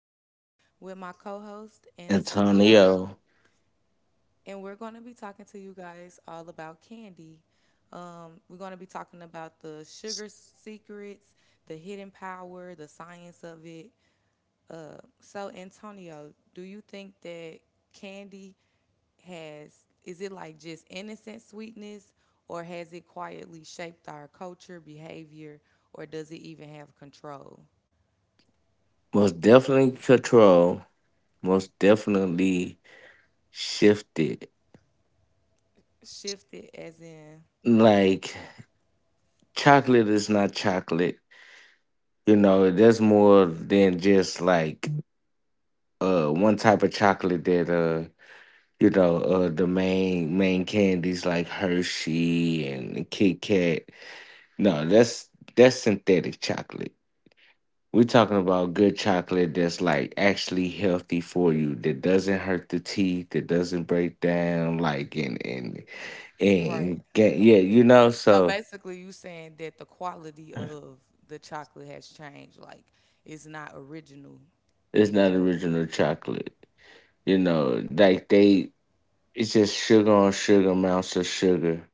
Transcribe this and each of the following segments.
Joanne, with my co host, Antonio, Antonio, and we're going to be talking to you guys all about candy. We're going to be talking about the sugar secrets, the hidden power, the science of it. So, Antonio, do you think that candy has, is it like just innocent sweetness, or has it quietly shaped our culture, behavior, or does it even have control? most definitely control, most definitely shifted. Shifted as in. Like chocolate is not chocolate. You know, there's more than just like one type of chocolate that the main candies like Hershey and Kit Kat. No, that's synthetic chocolate. We're talking about good chocolate that's like actually healthy for you, that doesn't hurt the teeth, that doesn't break down, like and and Right. and get- yeah, you know. So So basically, you saying that the quality of the chocolate has changed, like it's not original it's not anymore. original chocolate, you know. Like it's just sugar on sugar, amounts of sugar,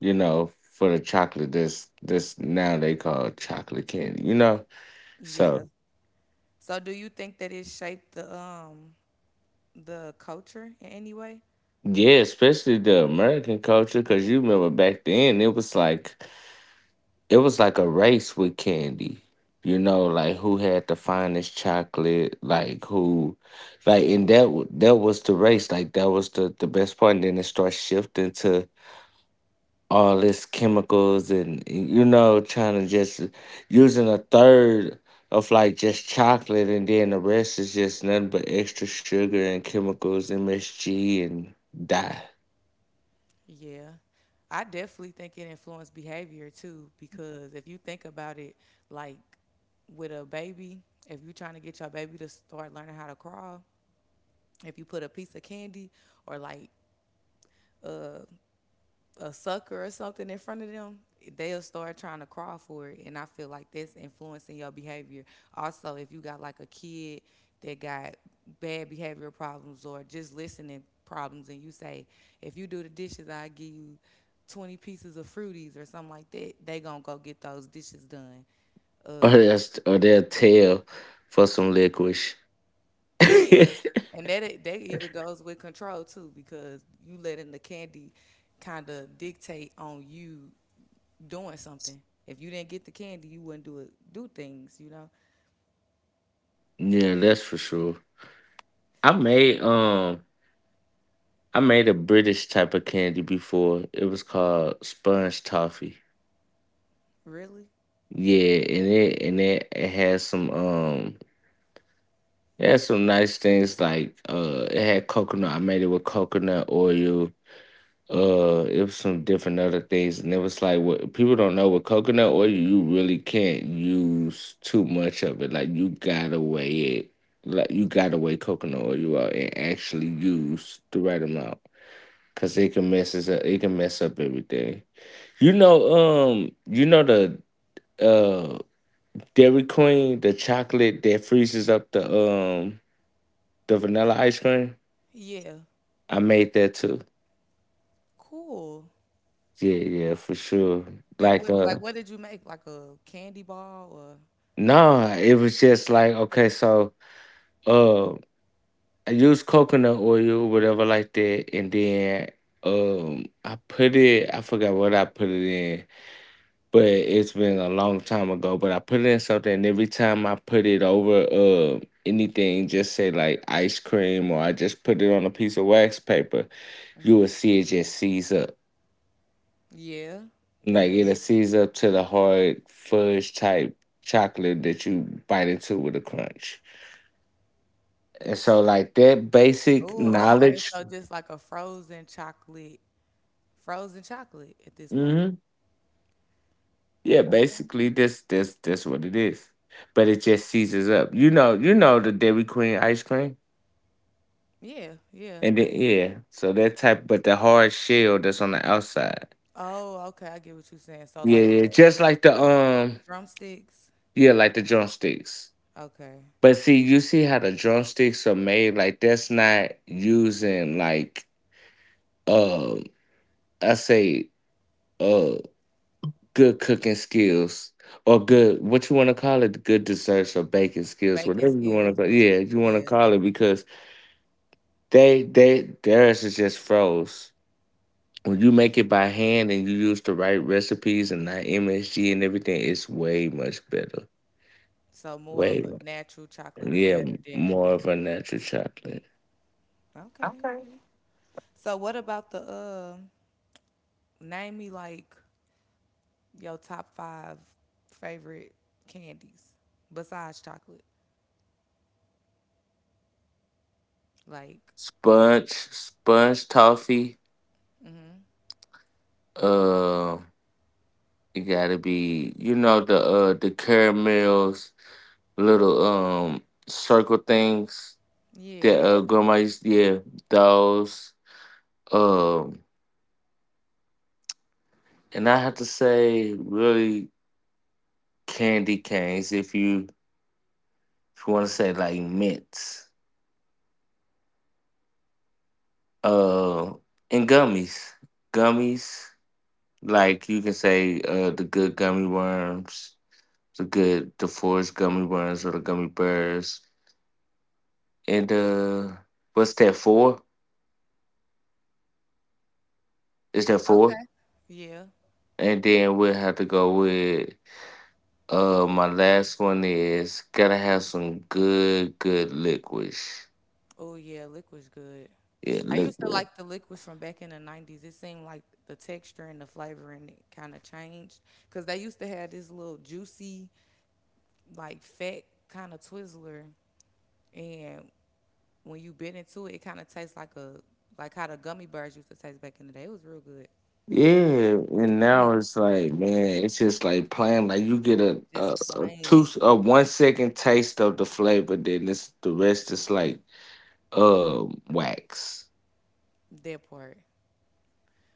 you know, for the chocolate that's now they call chocolate candy, you know. Yeah. So So do you think that it shaped the culture in any way? yeah, especially the American culture, because you remember back then it was like, it was like a race with candy. You know, like who had the finest chocolate, like and that was the race. Like that was the best part. And then it starts shifting to all this chemicals and, you know, trying to just using a third of like just chocolate, and then the rest is just nothing but extra sugar and chemicals, MSG, and die. Yeah. I definitely think it influenced behavior too, because if you think about it, like with a baby, if you're trying to get your baby to start learning how to crawl, if you put a piece of candy or like a sucker or something in front of them, they'll start trying to crawl for it. And I feel like that's influencing your behavior. Also, if you got like a kid that got bad behavior problems or just listening problems, and you say, if you do the dishes, I give you 20 pieces of fruities or something like that, they gonna go get those dishes done. Or that's or they'll tell for some licorice. Yeah. And that even goes with control too, because you letting the candy kind of dictate on you doing something. If you didn't get the candy, you wouldn't do it, do things, you know? Yeah, that's for sure. I made um I made a British type of candy before. It was called sponge toffee. Really? Yeah, and it had some nice things like it had coconut. I made it with coconut oil. It was some different other things, and it was like, what people don't know with coconut oil, you really can't use too much of it. Like you gotta weigh it, like you gotta weigh coconut oil out and actually use the right amount. Cause it can mess us up. It can mess up everything. You know, you know the uh Dairy Queen, the chocolate that freezes up the vanilla ice cream. Yeah. I made that too. Cool. Yeah, yeah, for sure. And Like what like what did you make? Like a candy ball or nah, it was just like, okay, so uh I used coconut oil, whatever like that, and then I put it, I forgot what I put it in, but it's been a long time ago. But I put it in something, and every time I put it over anything, just say like ice cream, or I just put it on a piece of wax paper, you hmm. will see it just seize up. Yeah. Like Yeah. it'll seize up to the hard fudge type chocolate that you bite into with a crunch. And so like that basic Oh, okay. knowledge, So just like a frozen chocolate at this point. hmm, yeah, basically this what it is. But it just seizes up. You know the Dairy Queen ice cream. Yeah, yeah. And then yeah, so that type, but the hard shell that's on the outside. Oh, okay. I get what you're saying. So Yeah, like yeah, the just like the drumsticks. yeah, like the drumsticks. Okay. But see, you see how the drumsticks are made. Like that's not using like um, I say uh, good cooking skills, or good what you want to call it, good desserts or baking skills, Baking whatever you want to skills. call. Yeah, you want to Yeah. call it, because they theirs is just froze. When you make it by hand and you use the right recipes and not MSG and everything, it's way much better. So more Way, of a natural chocolate is yeah, better than. more of a natural chocolate. Okay, Okay. okay. So what about the name me like your top five favorite candies besides chocolate? Like, Sponge toffee. mm-hmm. Uh, it gotta be, you know, the caramels, little circle things that Yeah. Grandma used to. Yeah, those. Um, and I have to say, really candy canes. If you, if you want to say like mints, uh, and gummies. Gummies, like you can say the good gummy worms, the good, the forest gummy worms or the gummy bears. And what's that for? Is that four? Okay. Yeah. And then we'll have to go with my last one is gotta have some good, good liquids. Oh yeah, liquid's good. Yeah, I used to liquid. like the liquids from back in the nineties. It seemed like the texture and the flavoring kind of changed cuz they used to have this little juicy like fat kind of Twizzler and when you bit into it, it kind of tastes like a like how the gummy bears used to taste back in the day. It was real good. Yeah, and That now nigga it's like, man, it's just like playing. Like you get just a two, plain a 1 second taste of the flavor, then it's the rest is like uh wax. that part.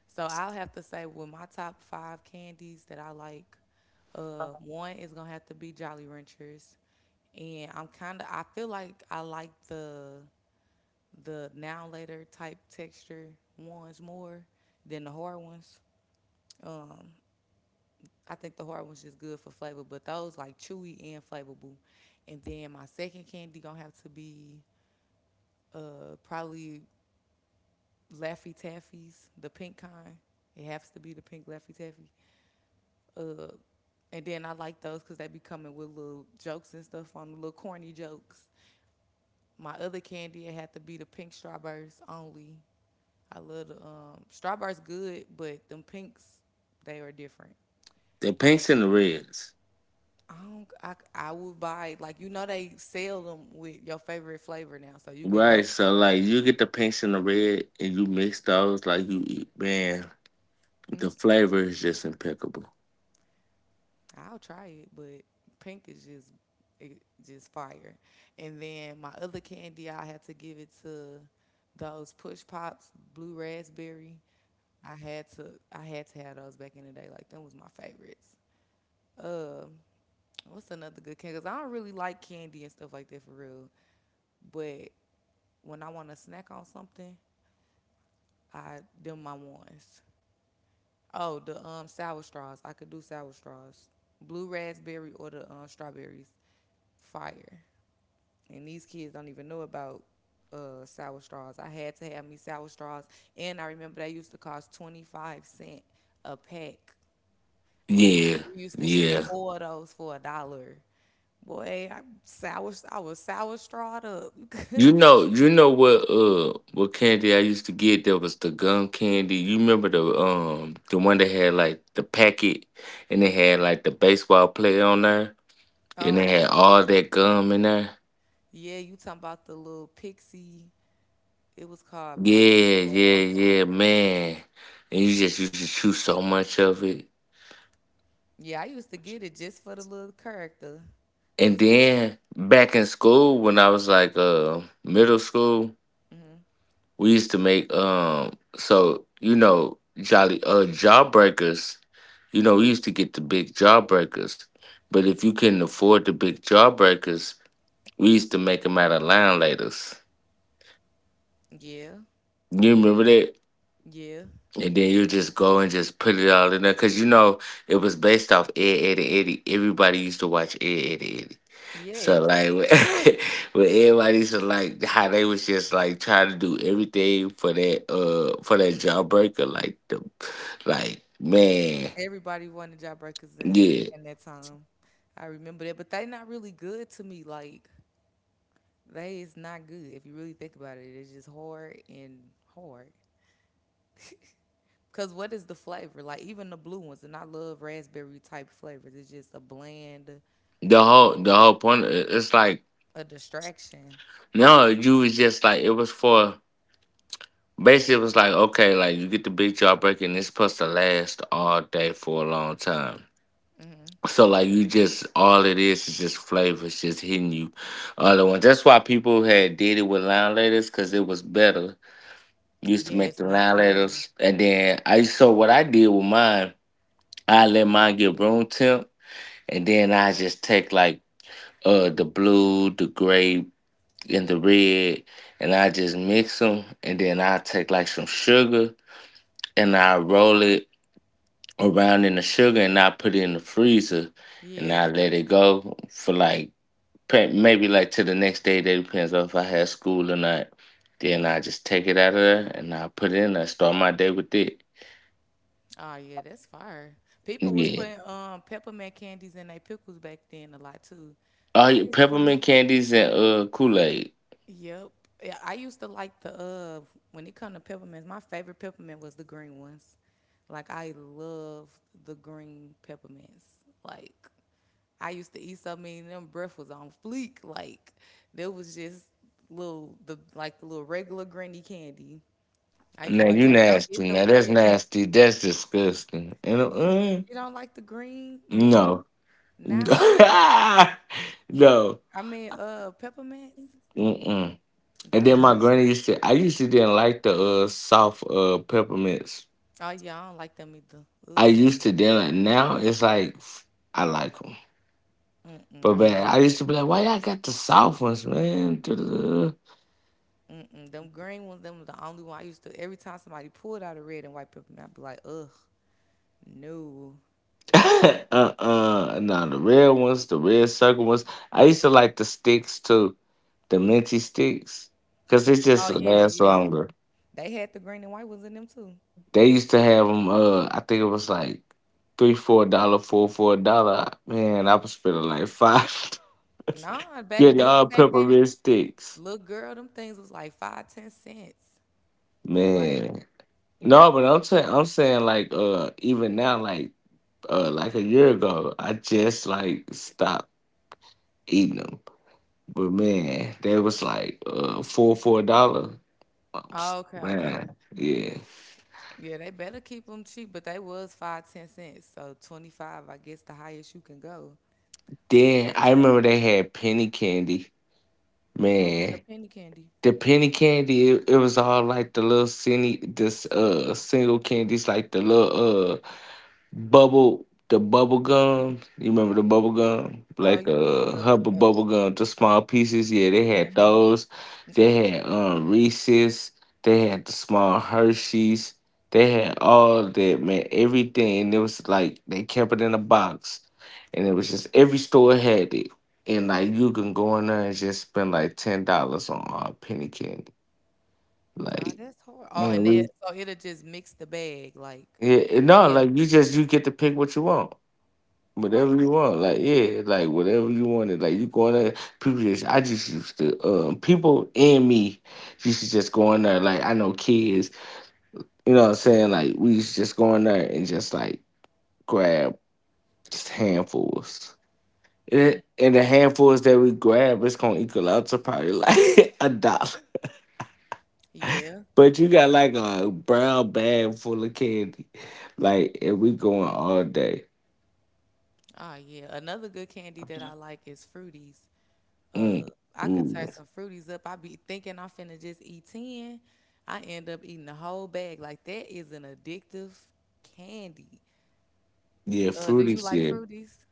So I'll have to say with my top five candies that I like, one is gonna have to be Jolly Ranchers, and I'm kind of I feel like I like the now later type texture ones more than the hard ones. I think the hard one's just good for flavor, but those like chewy and flavorful. And then my second candy gonna have to be probably Laffy Taffy's, the pink kind. It has to be the pink Laffy Taffy. Uh, and then I like those because they be coming with little jokes and stuff on the little corny jokes. My other candy it had to be the pink strawberries only. I love the strawberries good, but them pinks they are different. The pinks and the reds, I don't. I would buy like you know they sell them with your favorite flavor now, so you could right? go. So like you get the pinks and the red, and you mix those. Like you eat, man, the flavor is just impeccable. I'll try it, but pink is just it, just fire. And then my other candy, I had to give it to those push pops, blue raspberry. I had to have those back in the day. Like them was my favorites. Um, what's another good candy? Cause I don't really like candy and stuff like that for real. But when I want to snack on something, I them my ones. Oh, the sour straws. I could do sour straws. Blue raspberry or the strawberries. Fire. And these kids don't even know about sour straws. I had to have me sour straws and I remember they used to cost 25 cent a pack. Like Yeah, you used to get yeah. four of those for a dollar. Boy, I was sour strawed up. You know what candy I used to get, that was the gum candy. You remember the one that had like the packet and it had like the baseball player on there and it Oh, had all that gum in there? yeah, you talking about the little pixie. It was called Pixel Yeah, or yeah, something like yeah, that. man. And you just used to chew so much of it. Yeah, I used to get it just for the little character, the And toy. then back in school when I was like middle school, Hmm. we used to make so you know jolly jawbreakers. You know we used to get the big jawbreakers, but if you couldn't afford the big jawbreakers, we used to make them out of line lighters. Yeah, You remember that? yeah, And then you just go and just put it all in there, because you know it was based off Ed, Ed, and Eddie. Everybody used to watch Ed, Ed, and Eddie. So yes. like but everybody should like how they was just like trying to do everything for that jawbreaker, like the, like man, Everybody wanted jawbreakers in that yeah, in that time. I remember that, but they not really good to me. Like they is not good if you really think about it. It's just hard and hard. Cause what is the flavor? Like even the blue ones, and I love raspberry type flavors. It's just a bland, the whole point, it's like, a distraction. no, you was just like, it was for, basically it was like, okay, like you get the big jawbreaker and it's supposed to last all day for a long time. Hmm. So like you just all it is just flavors just hitting you other ones. That's why people had did it with line letters, because it was better. Used Yeah, to make it's the not. line Ooh, letters, and then I, so what I did with mine, I let mine get room temp, and then I just take like the blue, the gray, and the red, and I just mix them, and then I take like some sugar, and I roll it around in the sugar, and I put it in the freezer, and I yeah. let it go for like maybe like till the next day. That depends on if I had school or not. Then I just take it out of there, and I put it in there, start my day with it. Oh yeah, that's fire. People was Yeah. putting peppermint candies in their pickles back then a lot too. Oh, I yeah, used to. peppermint candies and Kool Aid. Yep. Yeah, I used to like the when it come to peppermints, my favorite peppermint was the green ones. Like I love the green peppermints. Like I used to eat so many of them breath was on fleek. Like there was just little the like the little regular granny candy. I used to Now be like, you Granny, don't get nasty. them Now that's red. nasty. That's disgusting. And You don't like the green mint no, now? no. I mean, peppermints. Mm-mm. And then Those my are. granny used to, I used to didn't like the soft peppermints. Oh yeah, I don't like them either. I Ugh. used to didn't like, now it's like I like them. Mm-mm, But I man, still I don't. used to be like, why y'all got the soft ones, man? Mm-mm. Them green ones, them was the only one I used to. Every time somebody pulled out a red and white peppermint, I'd be like, ugh, no. uh no, the red ones, the red circle ones. I used to like the sticks too, the minty sticks, because it Oh just yeah, lasts yeah. longer. They had the green and white ones in them too. They used to have them. I think it was like three, $4, $4. Man, I was spending like five. Nah, Getting all back then, peppermint sticks, little girl, them things was like five, 10 cents. Like, man. No, but I'm saying like, even now, like a year ago, I just like stopped eating them. But man, they was like $4. Um, s- oh, okay, okay. Man, yeah. Yeah, they better keep them cheap, but they was five, 10 cents. So 25, I guess, the highest you can go. Then I remember they had penny candy. What was the Man, penny candy? the penny candy, it was all like the little cine, this single candies, like the little bubble gum. You remember the bubble gum, Oh, like you- the the Hubba uh, bubble gum, the small pieces. Yeah, they had mhm. those. Mm. They had Reese's. They had the small Hershey's. They had all that, man, everything. It was like they kept it in a box, and it was just every store had it. And like you can go in there and just spend like $10 on penny candy. Oh, Like, that's hard. Oh, man, and they we, so it'll just mix the bag like yeah, no, be a like you just, you get to pick what you want. Whatever right. you want, like yeah, like whatever you wanted, like you going there. People just, I just used to, people and me used to just go in there. Like I know kids, you know what I'm saying. Like we used to just go in there and just like grab just handfuls, Mm. and the handfuls that we grab, it's gonna equal out to probably like a dollar. Yeah. But you got like a brown bag full of candy, like and we going all day. Oh yeah. Another good candy that I like is fruities. Mm, Uh, I could ooh, tear some fruities up. I be thinking I'm finna just eat 10. I end up eating the whole bag. Like that is an addictive candy. yeah, Do fruity you like shit. fruities?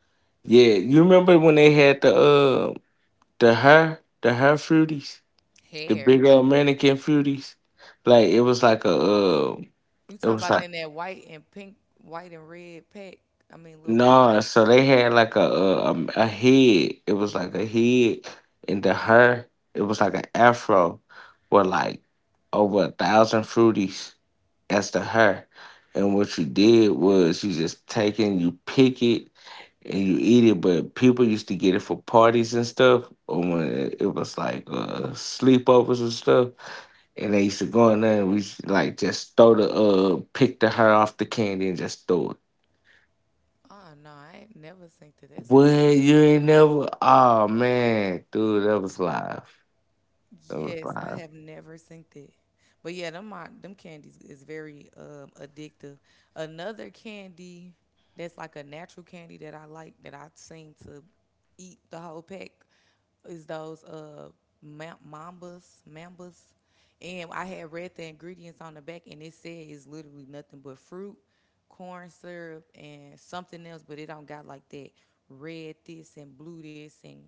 Yeah, you remember when they had the her fruities, the big Hair. old mannequin fruities? Like it was like a You it talking was about like in that white and pink, white and red pack? I mean, little wrapper. no, so they had like a head. It was like a head, and the her, it was like an afro, with like over 1,000 fruities as the her. And what you did was you just take it, you pick it, and you eat it. But people used to get it for parties and stuff, or when it was like sleepovers and stuff. And they used to go in there and we used to, like just throw the pick the heart off the candy and just throw it. Oh no, I ain't never synced it. That's What crazy. you ain't never? Oh man, dude, that was live. That was Yes, I live. have never synced it. But yeah, them my, them candies is very addictive. Another candy that's like a natural candy that I like that I seem to eat the whole pack is those ma- mambas, mambas. And I had read the ingredients on the back, and it said it's literally nothing but fruit, corn syrup, and something else, but it don't got like that red this and blue this and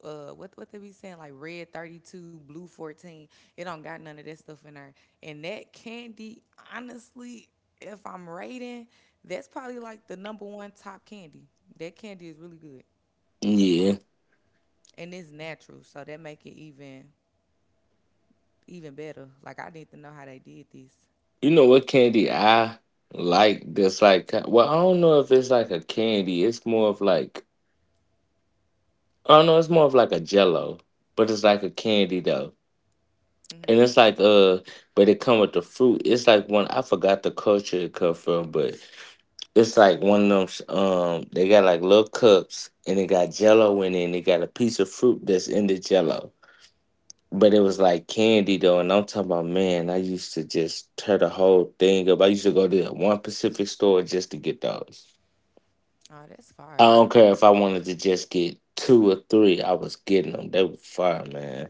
what they be saying like red 32 blue 14. It don't got none of that stuff in there. And that candy, honestly, if I'm rating, that's probably like the number one top candy. That candy is really good. Yeah, And it's natural, so that make it even better. Like I need to know how they did this. you know what candy I like? That's like well, I don't know if it's like a candy. It's more of like I don't know. It's more of like a Jello, but it's like a candy though. And Hmm. it's like but it come with the fruit. It's like one I forgot the culture it come from, but it's like one of them they got like little cups and it got jello in it and it got a piece of fruit that's in the jello. But it was like candy though, and I'm talking about man, I used to just tear the whole thing up. I used to go to that one Pacific store just to get those. Oh, that's I fire. don't care if I wanted to just get two or three, I was getting them. They were fire, man.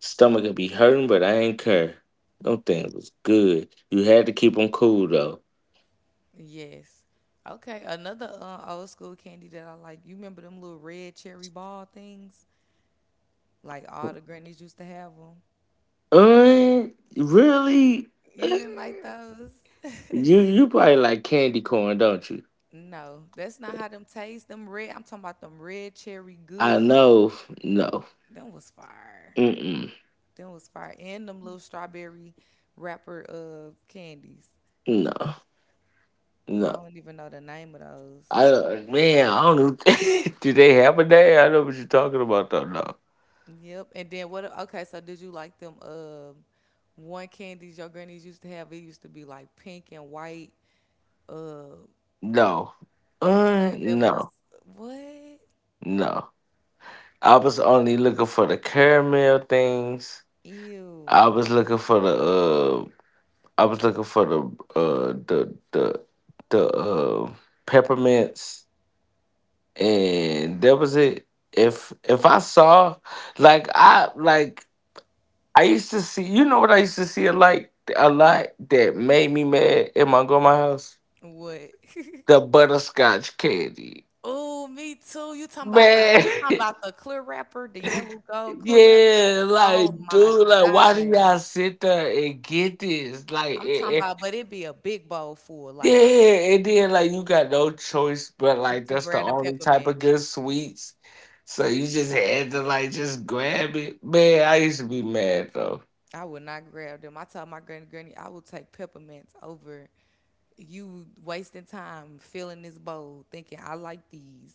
Stomach could be hurting, but I ain't care. Them things was good. You had to keep them cool though. Yes. Okay, another old school candy that I like, you remember them little red cherry ball things? Like all the grannies used to have them. Uh, Really? You Uh, didn't like those? you probably like candy corn, don't you? No, that's not how them taste. Them red, I'm talking about them red cherry good. I know. No. Them was fire. Mm-mm. Them was fire. And them little strawberry wrapper of candies. No. I No. don't even know the name of I those. don't, man, I don't know. Do they have a day? I know what you're talking about though. No. Yep. And then what? Okay, so did you like them? One candies your grannies used to have. It used to be like pink and white. No. That little No. What? No. I was only looking for the caramel things. Ew. I was looking for the I was looking for the uh the the the peppermints and that was it. If I saw like I used to see you know what I used to see a like a lot that made me mad in my grandma house? What? The butterscotch candy. Oh, me too. You talking about the Man you talking about the clear wrapper, the yellow gold clear wrapper? yeah, Oh like my dude, like why God. do y'all sit there and get this? Like I'm talking and, about, but it'd be a big bowl full, yeah, like, and then like you got no choice but but like to that's the grab a only type peppermint, of good sweets. So you just had to like just grab it. Man, I used to be mad though. I would not grab them. I told my granny, granny, I would take peppermints over you wasting time filling this bowl, thinking I like these,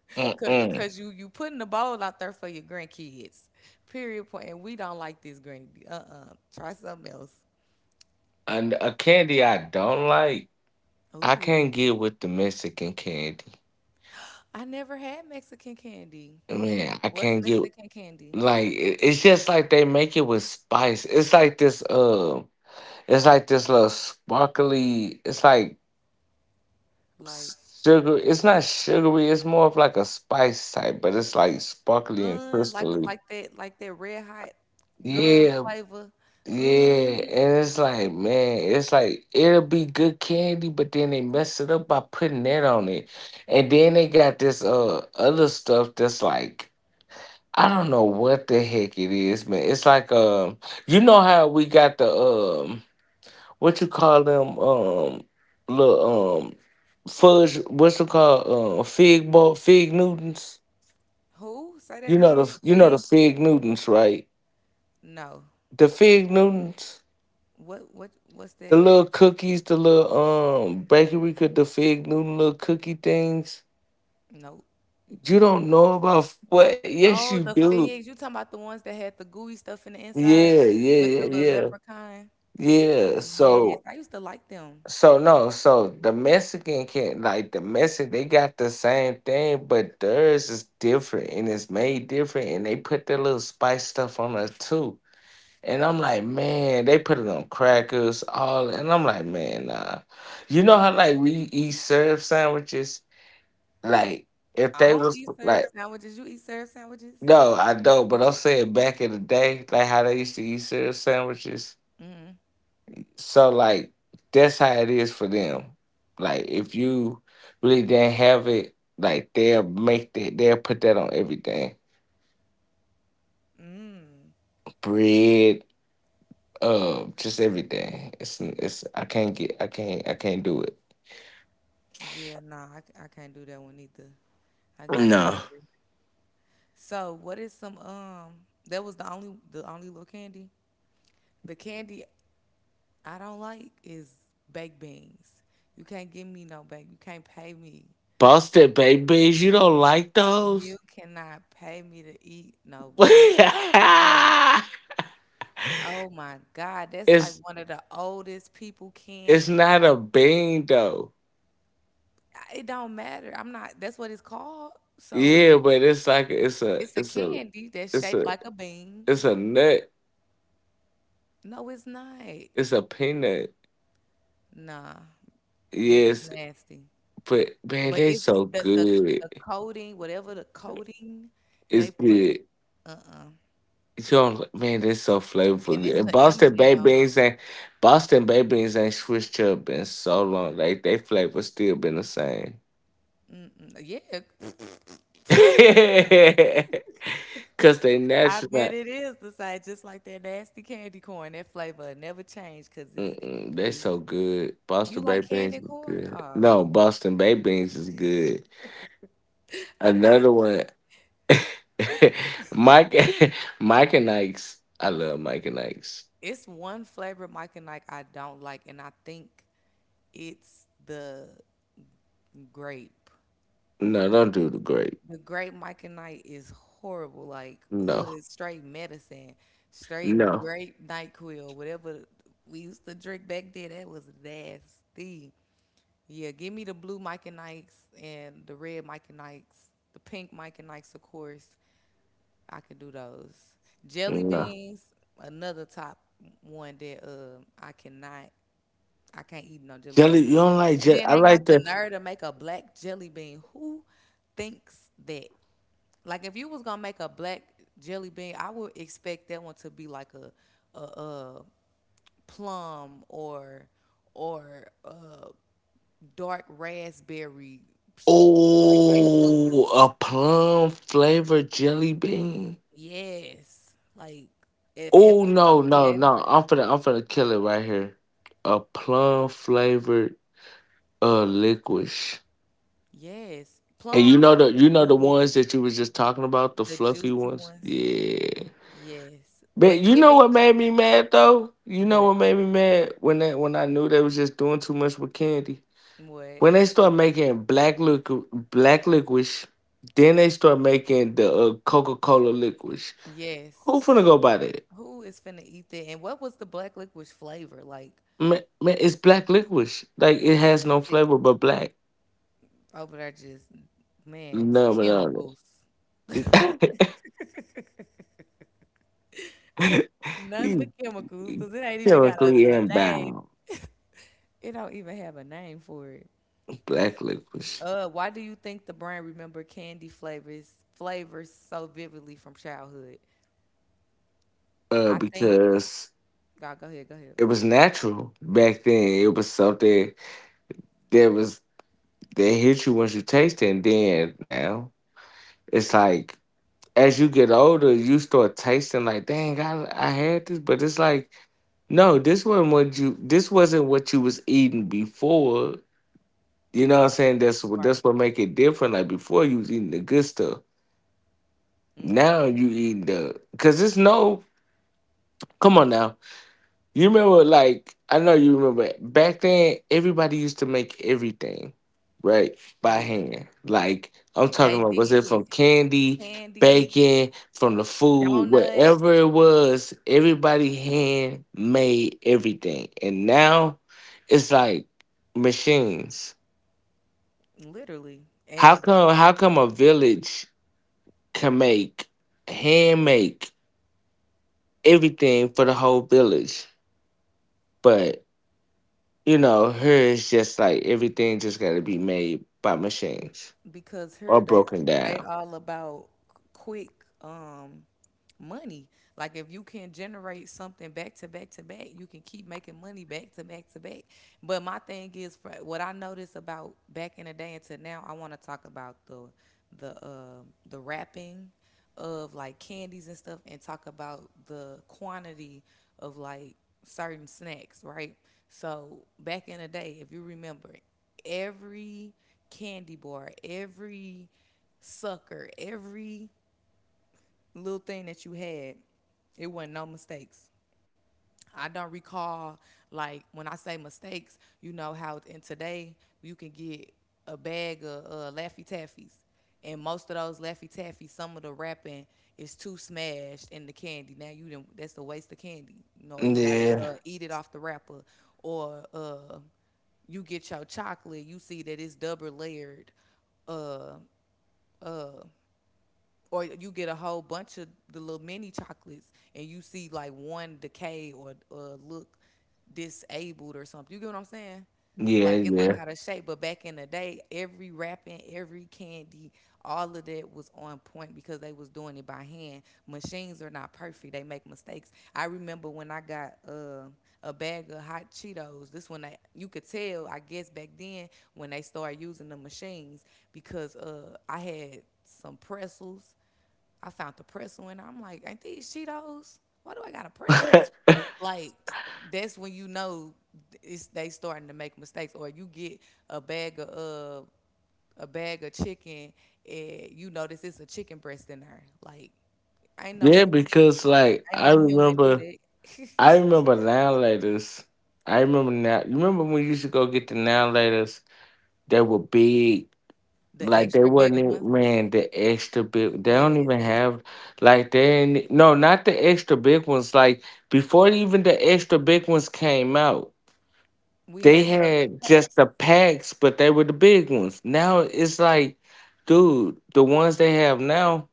cause, Mm-mm. cause you putting the bowl out there for your grandkids. Period point. And we don't like this, granny. Uh-uh. Try something else. And a candy I don't like, I Ooh, can't get with the Mexican candy. I never had Mexican candy. Man, I What's can't get Mexican candy? like it's just like they make it with spice. It's like this little sparkly. It's like Like, sugar, it's not sugary. It's more of like a spice type, but it's like sparkly and un, like crystally. like that like that red hot gum Yeah, flavor. yeah, Un, and it's like man, it's like it'll be good candy, but then they mess it up by putting that on it, and then they got this other stuff that's like I don't know what the heck it is, man. It's like you know how we got the what you call them little fudge what's it called fig ball fig newtons. who? Say that You know again. the you know the Fig? fig newtons right? No. The fig newtons, What's the that? little cookies, the little bakery could the fig newton little cookie things. No. You don't know about what yes you Oh, the do. figs. You talking about the ones that had the gooey stuff in the inside Yeah yeah with the yeah little yeah, leprechaun? yeah Yes, so I used to like them. so no, so the Mexican can't like the Mexican. They got the same thing, but theirs is different and it's made different, and they put their little spice stuff on it too. And I'm like, man, they put it on crackers, all, and I'm like, man, nah. You know how What? like we eat syrup sandwiches? Like if I they don't was eat like, syrup sandwiches. You eat syrup sandwiches? no, I don't. But I'm saying back in the day, like how they used to eat syrup sandwiches. Mm. So like that's how it is for them. Like if you really didn't have it, like they'll make that they'll put that on everything. Mm. Bread, just everything. It's I can't get I can't do it. Yeah, nah, I, I can't do that one either. I gotta No. agree. So what is some that was the only little candy. The candy I don't like is baked beans. You can't give me no bake. You can't pay me. Boston babies, you don't like those? You cannot pay me to eat no baked beans. Oh my God, that's like it's one of the oldest people it's candy. not a bean though. It don't matter. I'm not. That's what it's called. So Yeah, but it's like it's a it's a it's a candy that's it's shaped a like a bean. it's a nut. No, it's not. It's a peanut. Nah, them is Yes, nasty. but man, But they it's so good. the coating, whatever the coating they It's put. good. Uh-uh. You all man, they so flavorful. And Good. it's And the Boston baked M&M. beans ain't Boston baked beans ain't switched up in so long. Like they flavor still been the same. Mm-mm. Yeah, Cause they I natural. bet Like, it is the same, just like that nasty candy corn. That flavor never changed because mm-mm, they it's so good. you Boston like baked beans candy is corn? good. No, Boston baked beans is good. I feel Another one. Mike, Mike and Ike's. I love Mike and Ike's. it's one flavor Mike and Ike I don't like, and I think it's the grape. No, don't do the grape. The Great Mike and Knight is horrible. Like, ugh, No. it's straight medicine, straight No, Great NyQuil, whatever we used to drink back then. That was nasty. Yeah, give me the blue Mike and Knights and the red Mike and Knights, the pink Mike and Knights, of course. I can do those. Jelly no. beans, another top one that I cannot, I can't eat no jelly Jelly, beans. you don't like And jelly. then I they got like the the nerve to make a black jelly bean. Who thinks that? Like if you was gonna make a black jelly bean, I would expect that one to be like a plum or a dark raspberry, like super. oh a plum flavored jelly bean. Yes, like if Oh it's gonna no, be no, that no. dark, I'm finna kill it right here. A plum flavored licorice. yes, And plums. You know the Oh, ones that you was just talking about, the the fluffy juicy ones? ones. Yeah. Yes, But but you give know it what made me mad though? You know what what made me mad when that when I knew they was just doing too much with candy? what? When they start making black liquor, black licorice, then they start making the Coca Cola licorice. Who Yes. finna go buy that? Who is finna eat that? And what was the black licorice flavor like? Man, man, it's black licorice. Like it has no That's it. flavor but black. Over there, just man, it's No, no, chemicals. no. Nothing but You chemicals, cause it ain't even got chemically a name. inbound It don't even have a name for it. black licorice. Why do you think the brain remember candy flavors so vividly from childhood? I think. Because God, go ahead, go ahead. it was natural back then. It was something that was that hit you once you taste it. And then now it's like as you get older, you start tasting like, dang, I had this, but it's like, no, this wasn't what you this wasn't what you was eating before. You know what I'm saying? That's what that's Right. what make it different. Like before you was eating the good stuff. Now Hmm. you eating the cause it's no come on now. You remember, like, I know you remember back then, everybody used to make everything, right, by Yeah, hand. Like, I'm they talking about, was it from did. candy, Candy, bacon, from the food, donuts, whatever it was, everybody hand made everything. And now it's like machines. literally, How and come, how come a village can make, hand make everything for the whole village? But you know, her is just like everything just got to be made by machines because or here broken they down. all about quick um money. Like if you can generate something back to back to back, you can keep making money back to back to back. But my thing is for what I noticed about back in the day until now, I want to talk about the the uh, the rapping of like candies and stuff and talk about the quantity of like certain snacks, right? So back in the day, if you remember, every candy bar, every sucker, every little thing that you had, it wasn't no mistakes. I don't recall like when I say mistakes, you know how in today you can get a bag of Laffy Taffies, and most of those Laffy Taffies, some of the wrapping is too smashed in the candy. Now you did not that's a waste of candy. You know, you gotta Yeah, eat it off the wrapper, or you get your chocolate, you see that it's double layered uh, or you get a whole bunch of the little mini chocolates and you see like one decay or look disabled or something. You get what I'm saying? yeah, Like it look yeah, out of shape, but back in the day, every wrapping, every candy, all of that was on point because they was doing it by hand. Machines are not perfect; they make mistakes. I remember when I got a bag of hot Cheetos. This one, they, you could tell, I guess back then when they started using the machines because I had some pretzels. I found the pretzel and I'm like, ain't these Cheetos? Why do I got a pretzel? Like, that's when you know it's they starting to make mistakes, or you get a bag of chicken and you notice it's a chicken breast in there. Like, ain't no yeah. human, Because like ain't no human do that. I remember now laters. I remember now. You remember when you used to go get the now laters? They were big. The Like they extra big wasn't ones, even man the extra big. They don't yes. even have like they ain't, no not the extra big ones. Like before even the extra big ones came out. We They had the had pack, just the packs, but they were the big ones. Now it's like, dude, the ones they have now,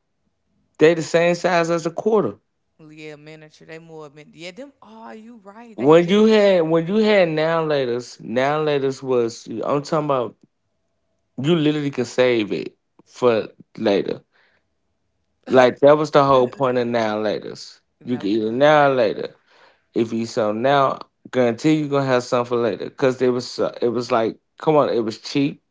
they the same size as a quarter. well, yeah, miniature. They more, min- yeah, them. Are you right? They When you did. had when you had now laters was I'm talking about you literally could save it for later. Like that was the whole point of now laters. You No, could eat for it real. now or later. If you so now, guarantee you gonna have something for later. Cause it was like, come on, it was cheap.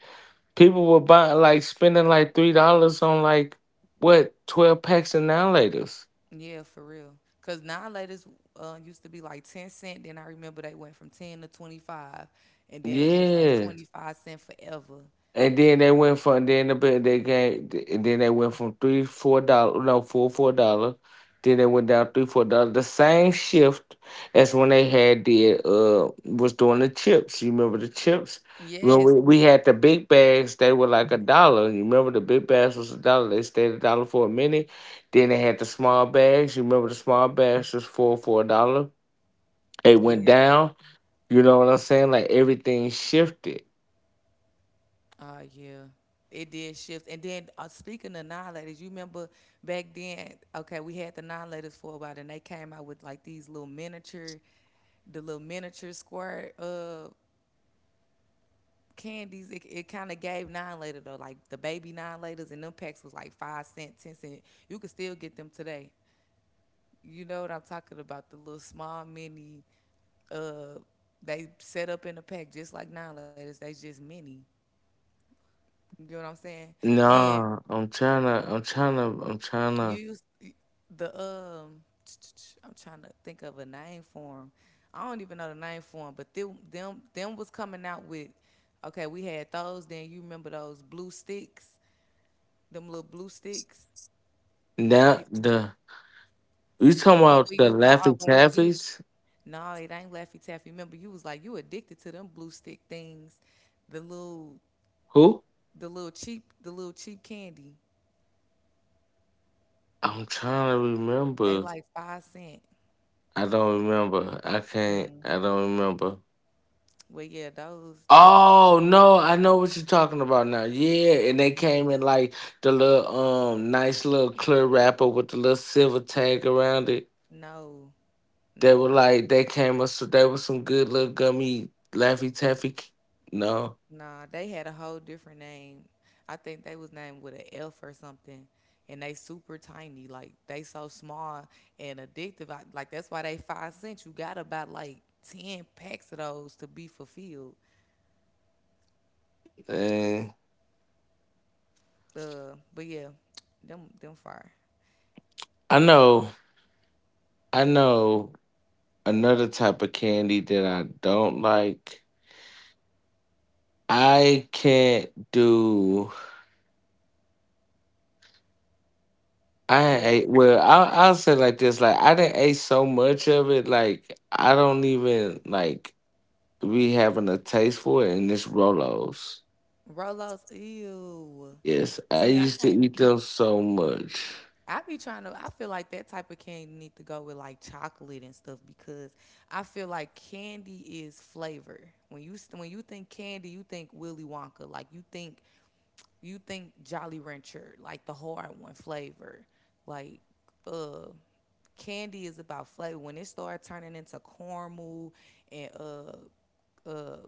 People were buying like spending like $3 on like what 12 packs of annihilators. Yeah, for real. Cause nine-laters used to be like 10¢. Then I remember they went from 10 to 25, and then it was like Yeah. 25¢ forever. And then they went from then the bit they came and then they went from $3 $4 no $4 $4. Then they went down $3 $4. The same shift as when they had the was doing the chips. You remember the chips? When we, Yes, we had the big bags, they were like a dollar. You remember the big bags was a dollar. They stayed a dollar for a minute. Then they had the small bags. You remember the small bags was four for a dollar. It went yeah, down. You know what I'm saying? Like everything shifted. Yeah. It did shift. And then speaking of nine-laters, you remember back then? Okay, we had the nine-laters for a while, and they came out with like these little miniature, the little miniature square candies. It kind of gave nine-later though, like the baby nine-laters, and them packs was like 5¢, 10¢. You could still get them today. You know what I'm talking about? The little small mini. Uh, they set up in a pack just like nine laters. They just mini. You get what I'm saying? And Nah, I'm trying to, I'm trying to, I'm trying you to. use the I'm trying to think of a name for them. I don't even know the name for them, but them was coming out with. Okay, we had those. Then you remember those blue sticks? Them little blue sticks. I Now, the, you the talking one about we the used to Laughing always get. Taffies? No, it ain't Laffy Taffy. Remember, you was like you addicted to them blue stick things, the little, Who? The little cheap candy. I'm trying to They remember. like 5¢. I don't remember. Mm. I don't remember. Well, yeah, those them. Oh, no, I know what you're talking about now. Yeah, and they Yes. came in like the little, nice little clear wrapper with the little silver tag around it. No, They no, were like, they were some good little gummy Laffy Taffy. No. nah. They had a whole different name. I think they was named with an F or something, and they super tiny. Like they so small and addictive. Like that's why they 5¢. You got about like 10 packs of those to be fulfilled. Eh. But yeah, them fire. I know. I know another type of candy that I don't like. I can't do. I What? ate well. What? I'll say it like this: like I didn't ate so much of it, like I don't even like be having a taste for it. And it's Rolos. Rolos, ew. Yes, I See, I used to can't. eat them so much. I be trying to. I feel like that type of candy need to go with like chocolate and stuff because I feel like candy is flavor. When you think candy, you think Willy Wonka. Like you think Jolly Rancher, like the hard one flavor. Like uh, candy is about flavor. When it started turning into caramel and uh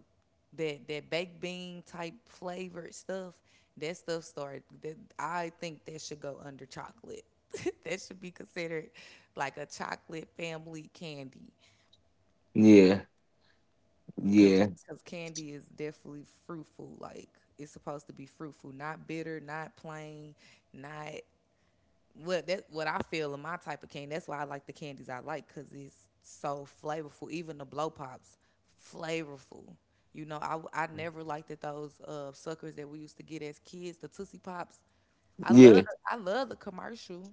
that baked bean type flavored stuff, that stuff started that I think that should go under chocolate. That should be considered like a chocolate family candy Yeah, cuz yeah, candy is definitely fruitful like it's supposed to be fruitful, not bitter, not plain, not what that? What I feel in my type of candy. That's why I like the candies I like because it's so flavorful. Even the blow pops, flavorful. You know, I never liked that those suckers that we used to get as kids, the Tootsie Pops. I yeah. love I love the commercial,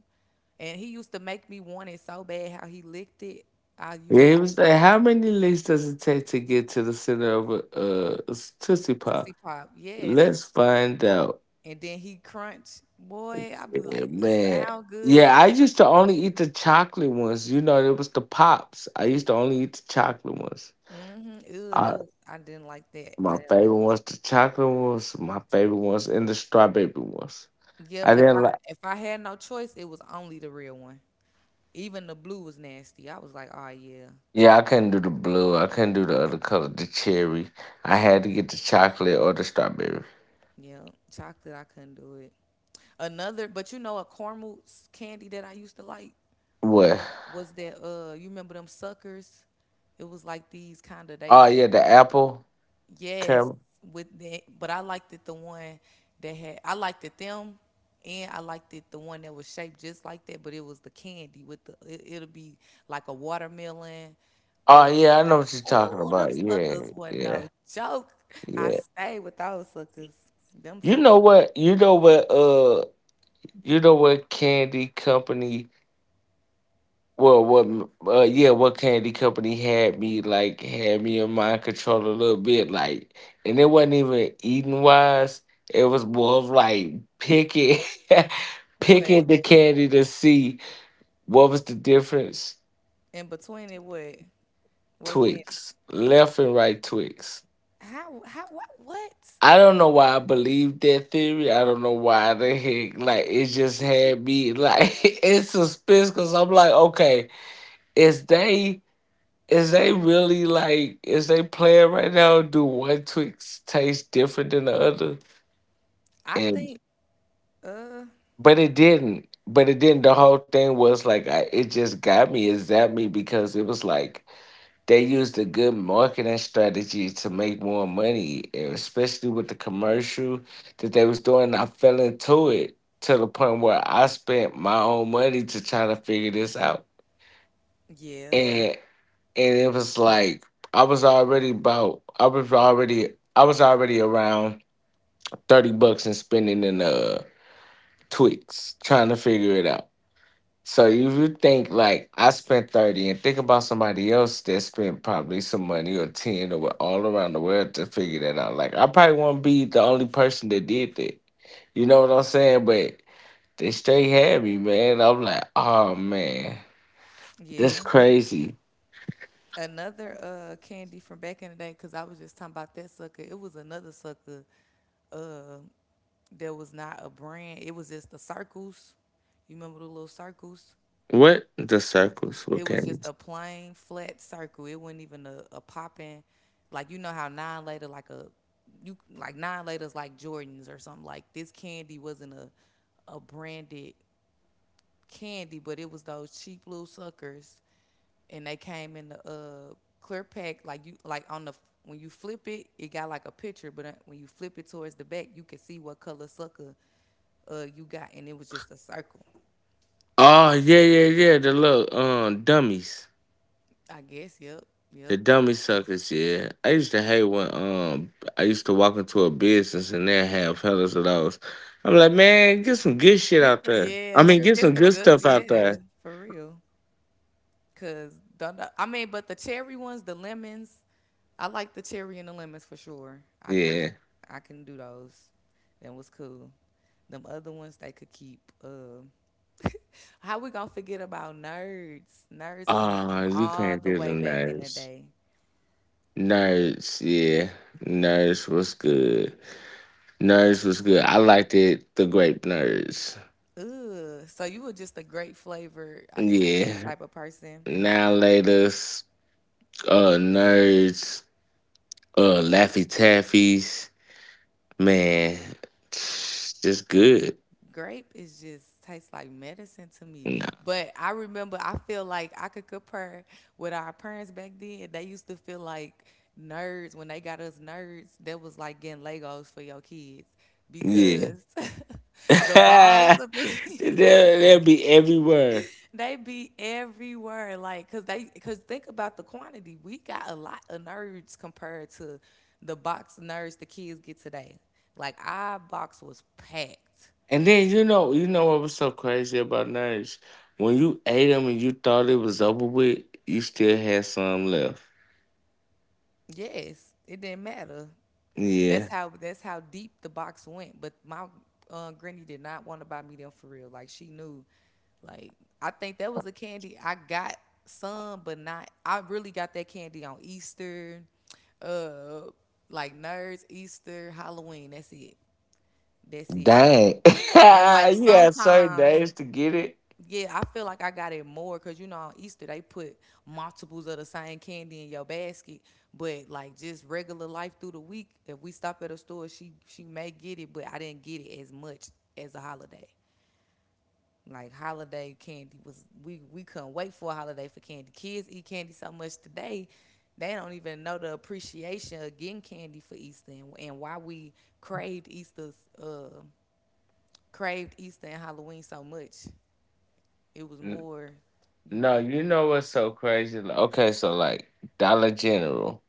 and he used to make me want it so bad how he licked it. I used Yeah, to he was like, "How many licks does it take to get to the center of a tootsie pop?" Tootsie Pop, yes, Let's find out. and then he crunch. Boy, I'd be Yeah, like, it man. sound good, Yeah, but I used to only eat the chocolate ones. You know, it was the pops. I used to only eat the chocolate ones. mm-hmm, ew, I, that was, I didn't like that. I my didn't like. favorite ones, the chocolate ones. My favorite ones, and the strawberry ones. Yep. I didn't like. If I had no choice, it was only the real one. Even the blue was nasty. I was like, oh yeah, Yeah, I couldn't do the blue. I couldn't do the other color, the cherry. I had to get the chocolate or the strawberry. yeah, chocolate. I couldn't do it. Another, but you know, a caramel candy that I used to like What? was that. You remember them suckers? It was like these kind of they. Oh yeah, the apple. Yes, Caramel. with the but I liked it the one that had. I liked it them. And I liked it the one that was shaped just like that, but it was the candy with it'll be like a watermelon, Oh uh, yeah, I know what you're talking oh, them about. Yeah, suckers wasn't no yeah, joke. I yeah. stayed with those suckers. Them You suckers. know what? You know what? You know what candy company? Well, what? Yeah, what candy company had me in mind control a little bit, like, and it wasn't even eating wise. It was more of like picking, What? picking the candy to see what was the difference. In between it, what? What candy? Twix, left and right Twix. How? How? What? What? I don't know why I believe that theory. I don't know why the heck, like, it just had me like it's suspense because I'm like, okay, is they? Is they really like is they playing right now? Do one Twix taste different than the other? I And think. Uh. But it didn't. But it didn't. The whole thing was like it just got me. It zapped me because it was like they used a good marketing strategy to make more money, and especially with the commercial that they was doing. I fell into it to the point where I spent my own money to try to figure this out. Yeah. and. and it was like I was already about I was already around $30 and spending in Twix trying to figure it out. So if you think like I spent 30 and think about somebody else that spent probably some money or ten or all around the world to figure that out. Like I probably won't be the only person that did that. You know what I'm saying? But they straight had me, man. I'm like, oh man, that's Yeah. crazy. Another candy from back in the day, cause I was just talking about that sucker. It was another sucker. Uh, that was not a brand. It was just the circles. You remember the little circles? What the circles? What It was came? just a plain flat circle. It wasn't even a popping. Like you know how nine later like a you like nine later's like Jordans or something. Like this candy wasn't a branded candy, but it was those cheap little suckers, and they came in the clear pack. Like you like on the when you flip it, it got like a picture, but when you flip it towards the back, you can see what color sucker you got, and it was just a circle. Oh yeah, yeah, yeah. The little dummies, I guess. Yep. the Yep. dummy suckers. Yeah, I used to hate when I used to walk into a business and they have fellas of those. I'm like, man, get some good shit This, out there. yeah, I mean, true. get This some a good good, stuff out there. yeah, for real. Cause don't know- I mean, but the cherry ones, the lemons, I like the cherry and the lemons for sure. Yeah. I can do those. That was cool. Them other ones they could keep. How we gonna forget about nerds? Nerds come Ah, from you all can't the do the way back in the nerds. day. Nerds, yeah. Nerds was good. Nerds was good. I liked it. The grape nerds. Ugh. So you were just a great flavor, I could see Yeah. type of person. Now latest. Nerds. Laffy Taffy's, man, just good. Grape is just tastes like medicine to me. No, But I remember I feel like I could compare with our parents back then. They used to feel like nerds when they got us nerds. That was like getting Legos for your kids yeah, because the balls they'll of be they'll be everywhere. they be everywhere. Like cause they cause think about the quantity. We got a lot of nerds compared to the box nerds the kids get today. Like our box was packed. And then you know what was so crazy about nerds? When you ate them and you thought it was over with, you still had some left. Yes, it didn't matter. That's Yeah. how that's how deep the box went. But my granny did not want to buy me them for real. Like she knew. Like I think that was a candy I got some, but not. I really got that candy on Easter, uh, like nerds Easter, Halloween. That's it. That's it. Dang. And like you had certain sometimes, days to get it. yeah, I feel like I got it more because you know on Easter they put multiples of the same candy in your basket. But like just regular life through the week, if we stop at a store, she may get it, but I didn't get it as much as a holiday. Like holiday candy was, we couldn't wait for a holiday for candy. Kids eat candy so much today, they don't even know the appreciation of getting candy for Easter, and why we craved uh Easter and Halloween so much. It was N- more, you No, know. you know what's so crazy? Like, okay, so like Dollar General.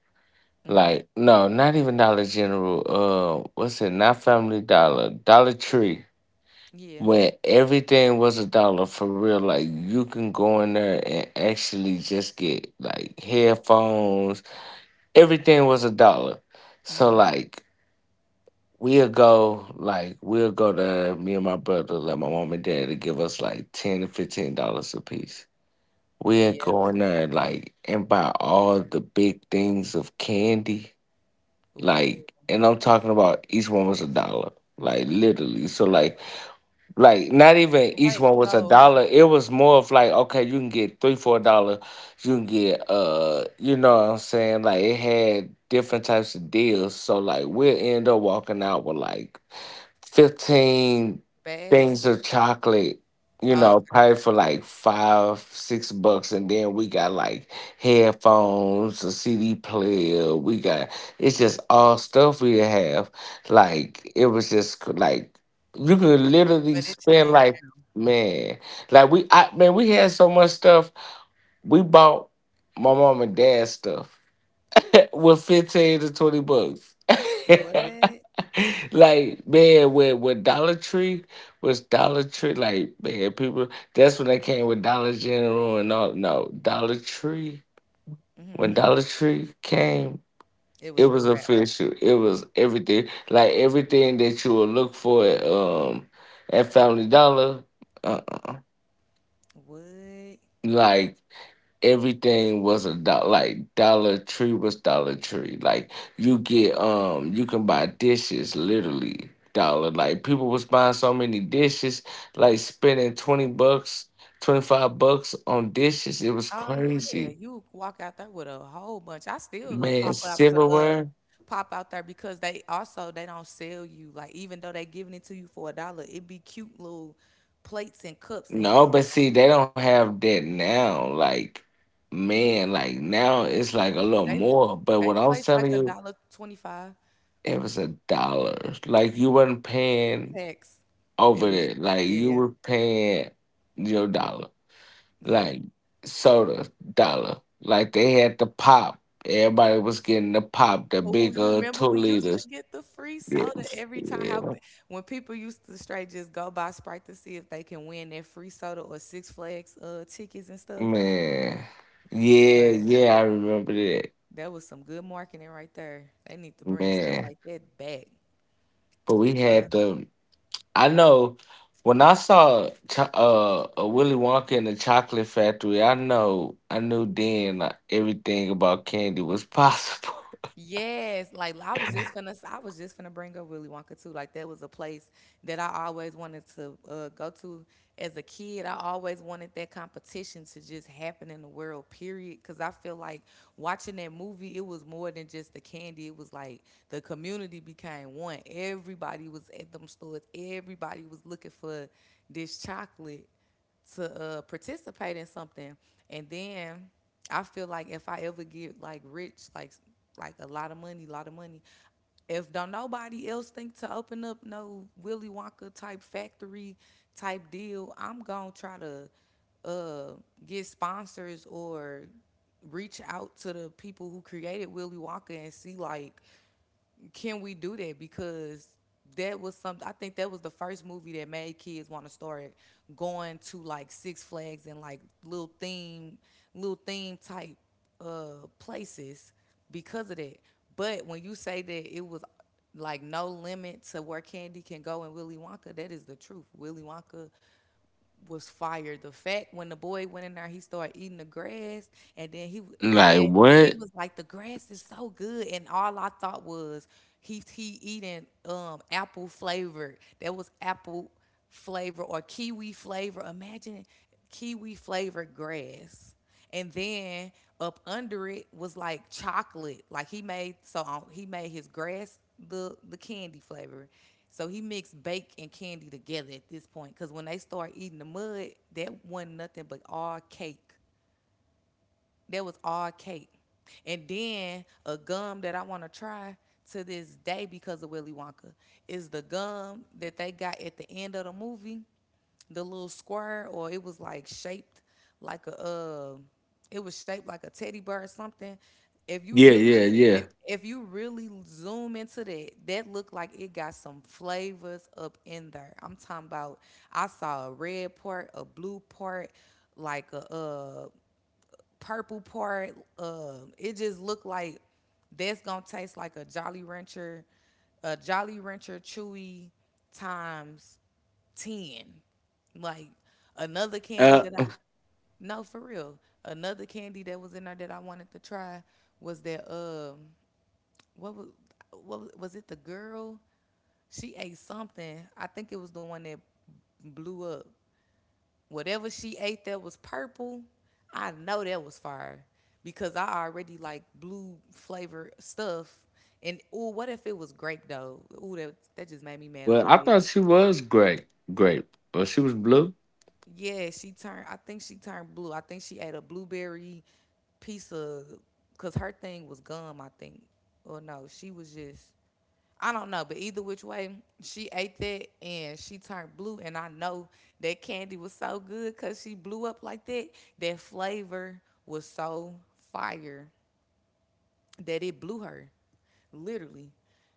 Like, no, not even Dollar General. What's it? Not Family Dollar. Dollar Tree. Yeah. When everything was a dollar for real, like you can go in there and actually just get like headphones. Everything was a dollar. So Hmm. like we'll go to me and my brother, let my mom and dad to give us like $10 to $15 a piece. We'll Yeah. go in there like and buy all the big things of candy. Ooh. Like, and I'm talking about each one was a dollar. Like literally. So like not even each Wait, one was a so. dollar. It was more of like, okay, you can get three, $4, you can get you know what I'm saying? Like it had different types of deals. So like we'll end up walking out with like 15 Bag. things of chocolate, you Oh, know, probably for like five, 6 bucks. And then we got like headphones, a CD player. We got, it's just all stuff we have. Like, it was just like, you could literally but it spend changed. like, man, like we, I, man, we had so much stuff. We bought my mom and dad stuff with 15 to 20 bucks. What? like man, when Dollar Tree was Dollar Tree, like man, people that's when they came with Dollar General and all. No, Dollar Tree. Hmm. When Dollar Tree came, It it was a was wrap. official. It was everything, like everything that you would look for at Family Dollar. Uh, uh What? like everything was a dollar. Like Dollar Tree was Dollar Tree. Like you get, you can buy dishes, literally dollar. Like people was buying so many dishes, like spending 20 bucks, 25 bucks on dishes. It was Oh yeah, crazy, you walk out there with a whole bunch. I still look man. pop out to Silverware. pop out there because they also they don't sell you like even though they giving it to you for a dollar, it be cute little plates and cups and No, uh, but see, they don't have that now. Like, man, like now it's like yeah, a little they more. But they what I'm place like telling a you, dollar twenty five, it was a dollar. Like you wasn't paying tax. It over was, there. Like you yeah, were paying your dollar, yeah. like soda dollar. Like they had the pop. Everybody was getting the pop, the Oh, big you remember two we used to liters. get the free Yeah, soda every time. How yeah, ba- when people used to straight just go buy Sprite to see if they can win their free soda or Six Flags tickets and stuff. man. Yeah, Boy, yeah, I remember that, that was some good marketing right there. They need to bring stuff man. like that back. But we Uh, had the. I know when I saw a Willy Wonka in the Chocolate Factory. I know I knew then everything about candy was possible. Yes, like I was just finna bring up Willy Wonka too. Like that was a place that I always wanted to go to as a kid. I always wanted that competition to just happen in the world, period. Because I feel like watching that movie, it was more than just the candy. It was like the community became one. Everybody was at them stores. Everybody was looking for this chocolate to participate in something. And then I feel like if I ever get like rich, like a lot of money, a lot of money, if don't nobody else think to open up no Willy Wonka type factory type deal, I'm gonna try to uh, get sponsors or reach out to the people who created Willy Wonka and see like, can we do that? Because that was something. I think that was the first movie that made kids want to start going to like Six Flags and like little theme type places because of that. But when you say that it was like no limit to where candy can go in Willy Wonka, that is the truth. Willy Wonka was fired. The fact when the boy went in there, he started eating the grass, and then he and Like then he what? was like, "The grass is so good," and all I thought was he eating apple flavored. That was apple flavor or kiwi flavor. Imagine kiwi flavored grass. And then up under it was like chocolate. Like he made his grass the candy flavor. So he mixed bake and candy together at this point because when they start eating the mud, that wasn't nothing but all cake. That was all cake. And then a gum that I want to try to this day because of Willy Wonka is the gum that they got at the end of the movie, the little square, or it was like shaped like a it was shaped like a teddy bear or something. If you Yeah, really yeah, yeah. If you really zoom into that, that looked like it got some flavors up in there. I'm talking about I saw a red part, a blue part, like a purple part. It just looked like that's gonna taste like a Jolly Rancher chewy times ten, like another candy Uh, that I no for real. Another candy that was in there that I wanted to try was that what was what was it the girl? She ate something. I think it was the one that blew up whatever she ate that was purple, I know that was fire because I already like blue flavor stuff. And ooh, what if it was grape though? Ooh, that just made me mad a well, little I bit. thought she was grape, but she was blue. Yeah, she turned. I think she turned blue. I think she ate a blueberry piece of, cause her thing was gum. I think, or no, she was just. I don't know, but either which way, she ate that and she turned blue. And I know that candy was so good because she blew up like that. That flavor was so fire that it blew her. Literally.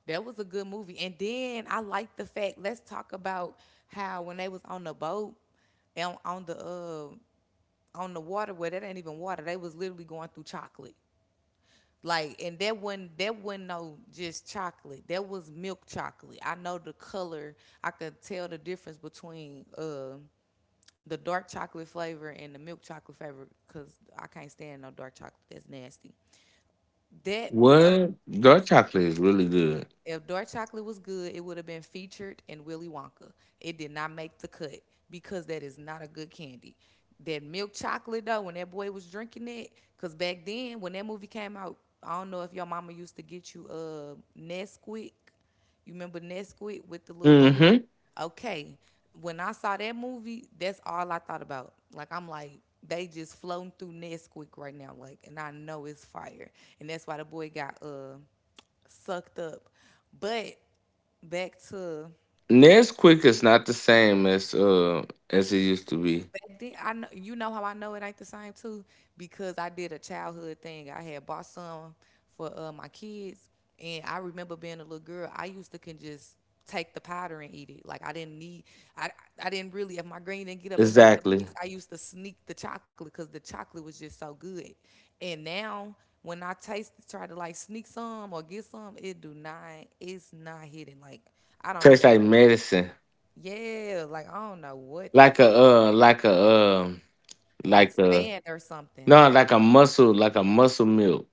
That was a good movie. And then I like the fact, let's talk about how when they was on the boat and on the water where that ain't even water, they was literally going through chocolate. Like and that wasn't no just chocolate. That was milk chocolate. I know the color. I could tell the difference between the dark chocolate flavor and the milk chocolate flavor because I can't stand no dark chocolate. That's nasty. That a, What? a Dark chocolate is really good. If dark chocolate was good, it would have been featured in Willy Wonka. It did not make the cut because that is not a good candy. That milk chocolate though, when that boy was drinking it, cause back then when that movie came out, I don't know if your mama used to get you Nesquik. You remember Nesquik with the little bunny? Mm-hmm. Okay. When I saw that movie, that's all I thought about. Like I'm like, they just floating through Nesquik right now, like, and I know it's fire. And that's why the boy got sucked up. But back to Nesquik is not the same as it used to be. back then, I know you know how I know it ain't the same too because I did a childhood thing. I had bought some for my kids, and I remember being a little girl. I used to can just take the powder and eat it. Like I I didn't really. If my green didn't get up and make the Exactly. mix, I used to sneak the chocolate because the chocolate was just so good. And now when I taste, try to like sneak some or get some, it do not. It's not hitting. Like I don't Tastes even know. like medicine, Yeah, like I don't know what, like a uh, like a um, like like a sand or something. no, like a muscle milk,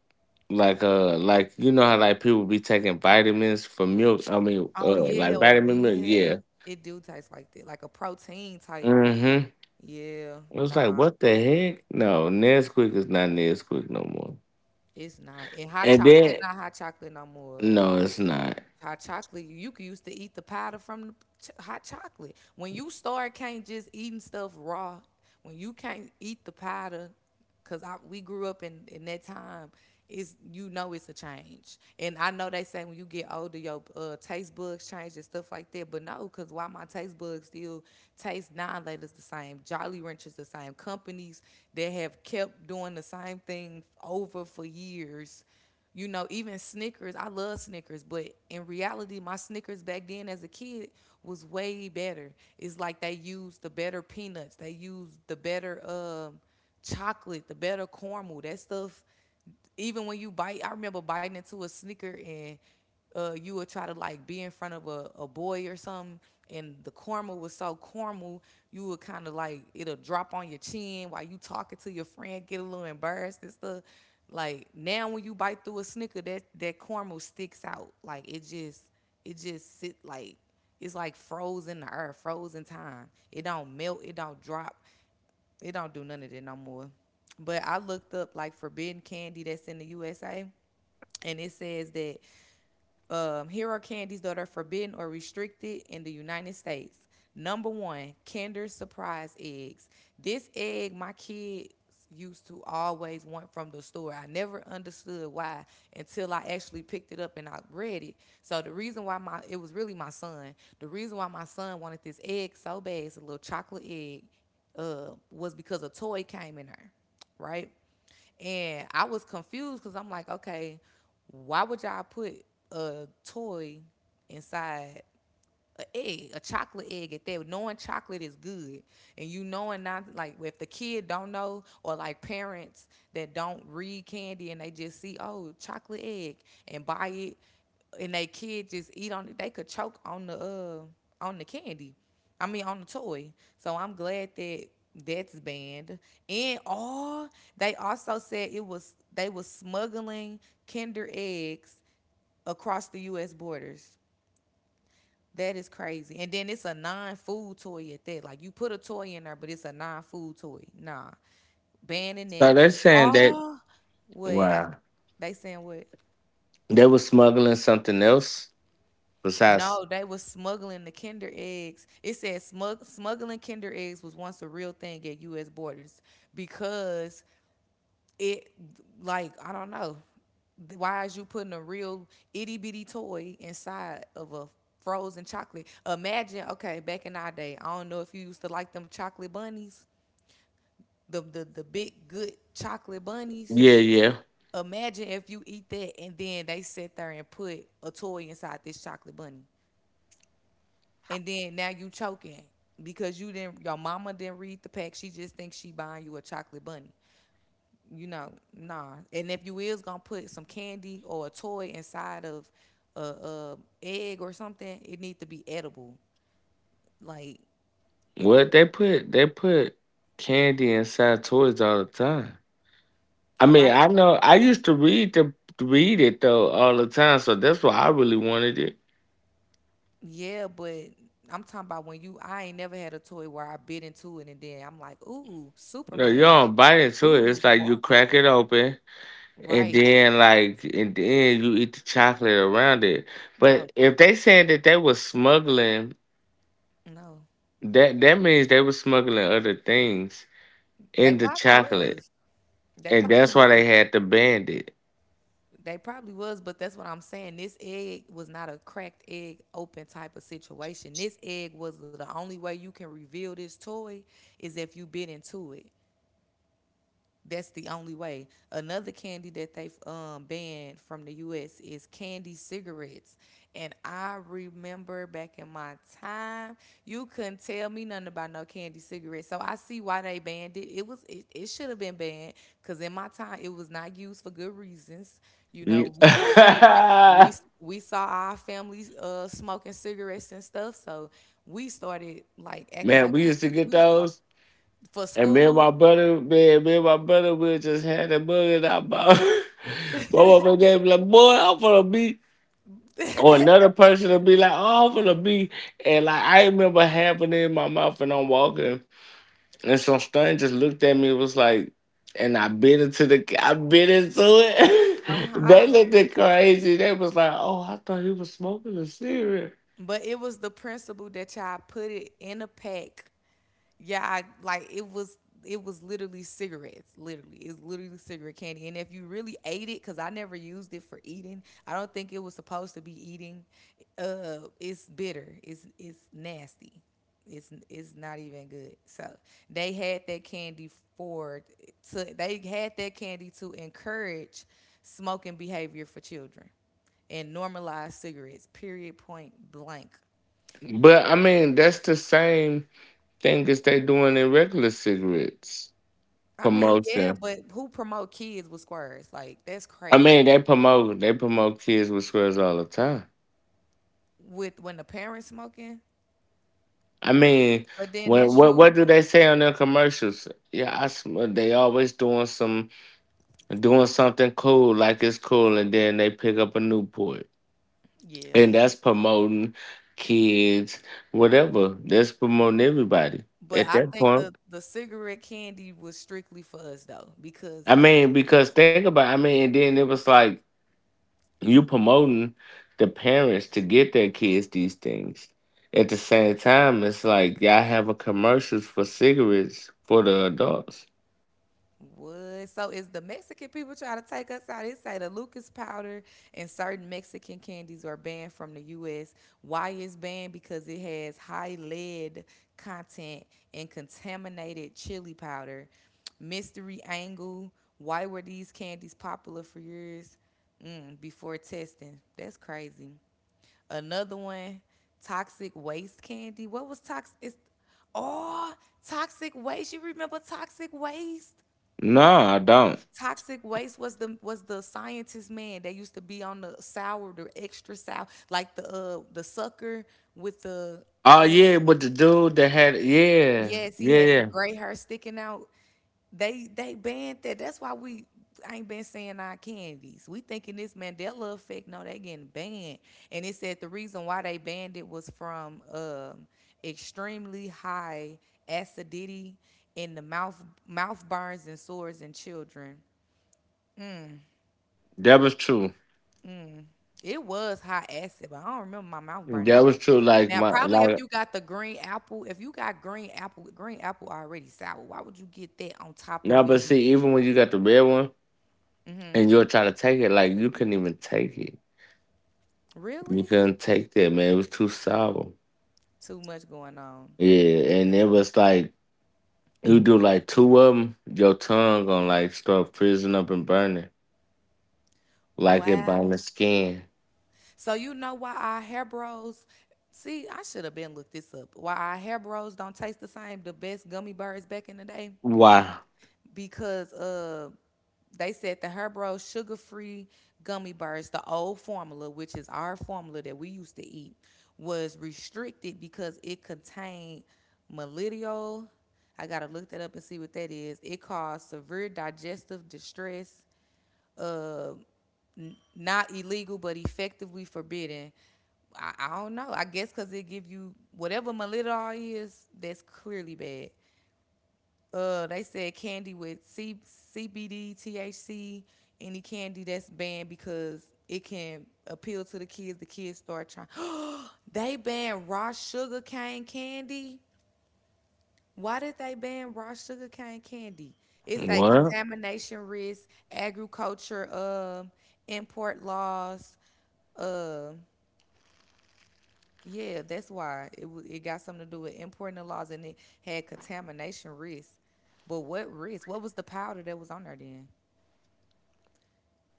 like you know how like people be taking vitamins for milk. I mean, Oh yeah, like oh, vitamin milk. yeah. Yeah. It do taste like that, like a protein type. Mm-hmm. Yeah, It was nah, like, what the heck? No, Nesquik is not Nesquik no more. it's not. And hot And chocolate, then, not hot chocolate no more. no, it's not. Hot chocolate, you could used to eat the powder from the ch- hot chocolate. When you start can't just eating stuff raw, when you can't eat the powder, cause we grew up in that time, is you know it's a change. And I know they say when you get older, your taste buds change and stuff like that. But no, cause why my taste buds still taste nine laters the same, Jolly Ranchers the same, companies that have kept doing the same thing over for years, you know, even Snickers, I love Snickers, but in reality, my Snickers back then as a kid was way better. It's like they used the better peanuts, they used the better chocolate, the better caramel. That stuff, even when you bite, I remember biting into a Snicker and you would try to like be in front of a boy or something, and the caramel was so caramel, you would kind of like it'll drop on your chin while you talking to your friend, get a little embarrassed and stuff. Like now, when you bite through a Snicker, that caramel sticks out. Like it just sit like it's like frozen the earth, frozen time. It don't melt, it don't drop, it don't do none of that no more. But I looked up like forbidden candy that's in the USA, and it says that here are candies that are forbidden or restricted in the United States. Number one, Kinder Surprise eggs. This egg, my kids used to always want from the store. I never understood why until I actually picked it up and I read it. So the reason why my it was really my son. The reason why my son wanted this egg so bad, it's a little chocolate egg, was because a toy came in there, right? And I was confused because I'm like, okay, why would y'all put a toy inside a egg, a chocolate egg at that. Knowing chocolate is good, and you knowing not like if the kid don't know or like parents that don't read candy and they just see, oh, chocolate egg and buy it, and they kid just eat on it. They could choke on the candy. I mean on the toy. So I'm glad that that's banned. And all they also said it was they was smuggling Kinder eggs across the U.S. borders. That is crazy. And then it's a non-food toy at that. Like you put a toy in there, but it's a non-food toy. Nah, banning So it. they're saying that, Oh, what wow, they saying? What? they were smuggling something else besides, No, they was smuggling the Kinder eggs. It said smuggling Kinder eggs was once a real thing at U.S. borders because it like I don't know. Why is you putting a real itty bitty toy inside of a frozen chocolate? Imagine, okay, back in our day, I don't know if you used to like them chocolate bunnies, the big good chocolate bunnies. yeah, yeah. Imagine if you eat that and then they sit there and put a toy inside this chocolate bunny. And then now you choking because your mama didn't read the pack. She just thinks she buying you a chocolate bunny. You know, nah. And if you is gonna put some candy or a toy inside of a egg or something, it need to be edible. Like, Well, they put candy inside toys all the time. I mean, right? I know, I used to read it though all the time, so that's why I really wanted it. Yeah, but I'm talking about when you. I ain't never had a toy where I bit into it and then I'm like, ooh, No, you Superman, don't bite into it. It's ooh, like you Barbie. crack it open. And Right? then like and then you eat the chocolate around it. No, But if they said that they were smuggling, no. that means they were smuggling other things They in the probably chocolate. was. They And probably that's why was. they had to ban it. They probably was, but that's what I'm saying. This egg was not a cracked egg open type of situation. This egg was the only way you can reveal this toy is if you bit into it. That's the only way. Another candy that they've banned from the U.S. is candy cigarettes. And I remember back in my time, you couldn't tell me nothing about no candy cigarettes. So I see why they banned it. It was it should have been banned because in my time it was not used for good reasons. You Mm. know, we we we saw our families smoking cigarettes and stuff, so we started like acting man, like we we used to get we smoke those. for And me and school. my brother, man, me and my brother, we just had that bug in our mouth. my mama gave me like, boy, I'm gonna be. Or another person would be like, oh, I'm gonna be. And like I remember having it in my mouth and I'm walking. And so stern just looked at me, was like, and I bit into the, I bit into I'm it. they looked hollering. at crazy. They was like, oh, I thought he was smoking a cigarette. But it was the principle that y'all put it in a pack. Yeah, like it was literally cigarettes. Literally, it's literally cigarette candy. And if you really ate it, because I never used it for eating, I don't think it was supposed to be eating. It's bitter. It's nasty. It's not even good. So they had that candy for to they had that candy to encourage smoking behavior for children and normalize cigarettes. Period. Point blank. But I mean, that's the same thing as they doing in regular cigarettes I mean, yeah, promotion. but who promote kids with squares? Like that's I crazy. mean, they promote kids with squares all the time. With when the parents smoking, I mean, but then what that's what you. what do they say on their commercials? Yeah, they always doing something cool like it's cool, and then they pick up a Newport. Yeah. And that's promoting kids, whatever. That's promoting everybody But at I that think point. the cigarette candy was strictly for us though, because I mean, because think about I mean, and then it was like you promoting the parents to get their kids these things. At the same time, it's like y'all have a commercials for cigarettes for the adults. what? So is the Mexican people trying to take us out? They say the Lucas powder and certain Mexican candies are banned from the U.S. Why is banned? Because it has high lead content and contaminated chili powder. Mystery angle. Why were these candies popular for years before testing? That's crazy. Another one. Toxic waste candy. What was toxic? Oh, toxic waste. You remember toxic waste? No, I don't. Toxic waste was the scientist man that used to be on the sour, the extra sour, like the sucker with the Oh uh yeah, with the dude that had yeah, yes, he yeah, had the yeah. gray hair sticking out. They banned that. That's why we I ain't been saying our candies. We thinking this Mandela effect. No, they getting banned. And it said the reason why they banned it was from extremely high acidity in the mouth burns and sores in children. That was true. Mm. It was high acid, but I don't remember my mouth burning That was now. true. Like Now, my probably if like you got the green apple, if you got green apple already sour, why would you get that on top no, of but it being? see, even when you got the red one. Hmm. And you're trying to take it like you couldn't even take it. You Really? couldn't take that, man. It was too sour. Too much going on. Yeah, and it was like you do like two of them, your tongue gonna like start freezing up and burning, like it burn Wow. the skin. So you know why our hair bros? See, I should have been looked this up. Why our hair bros don't taste the same? The best gummy bears back in the day. Why? Because they said the Herbro sugar free gummy bars, the old formula, which is our formula that we used to eat, was restricted because it contained malitiol. I gotta look that up and see what that is. It caused severe digestive distress. Uh, not illegal, but effectively forbidden. I don't know. I guess because it give you whatever malitiol is. That's clearly bad. They said candy with CBD, THC, any candy that's banned because it can appeal to the kids. The kids start trying. They banned raw sugar cane candy. Why did they ban raw sugar cane candy? It's a What? contamination risk, agriculture import laws. Uh, yeah, that's why it got something to do with importing the laws, and it had contamination risk. But what risk? What was the powder that was on there then?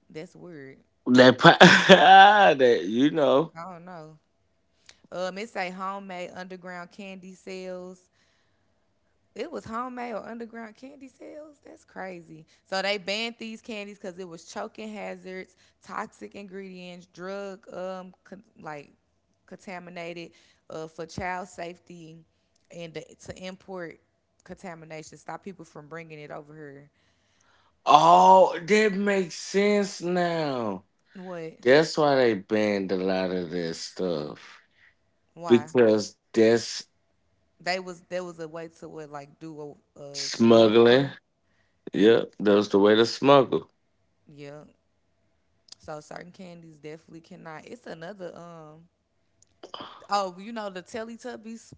That's weird. That pa- that you know. I don't know. It say homemade underground candy sales. It was homemade or underground candy sales. That's crazy. So they banned these candies because it was choking hazards, toxic ingredients, drug con- like contaminated for child safety, and to import contamination, stop people from bringing it over here. Oh, that makes sense now. What? That's why they banned a lot of that stuff Why? because that's They was there was a way to what, like do a smuggling. warfare. Yep, that was the way to smuggle. Yeah. So certain candies definitely cannot. It's another Oh, you know the Teletubbies,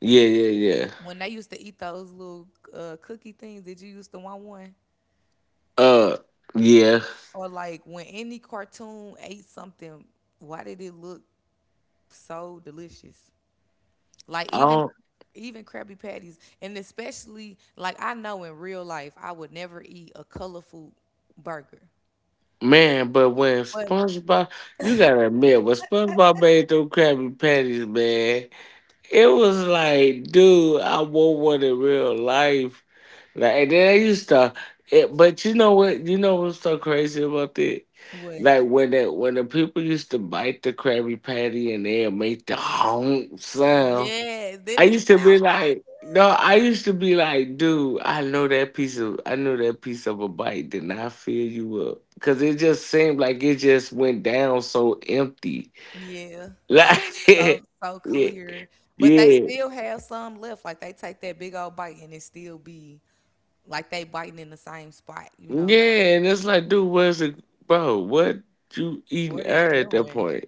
Yeah, yeah, yeah. when they used to eat those little cookie things, did you used to want one? Uh, yeah. Or like when any cartoon ate something, why did it look so delicious? Like I don't, even Krabby Patties, and especially like I know in real life I would never eat a colorful burger. man, but when But SpongeBob, you gotta admit, when SpongeBob made those Krabby Patties, man, it was like, dude, I want one in real life. Like, and then I used to, it, but you know what? You know what's so crazy about it? what? Like when the people used to bite the Krabby Patty and they make the honk sound. Yes, did I it used to be sound like, so? no, I used to be like, dude, I know that piece of a bite did not fill you up, cause it just seemed like it just went down so empty, Yeah, like like, yeah, so yeah, clear. But they still have some left. Like they take that big old bite and it still be like they biting in the same spot, you know. yeah, and it's like, dude, where's it, bro? What you eating What are you air at that doing? point?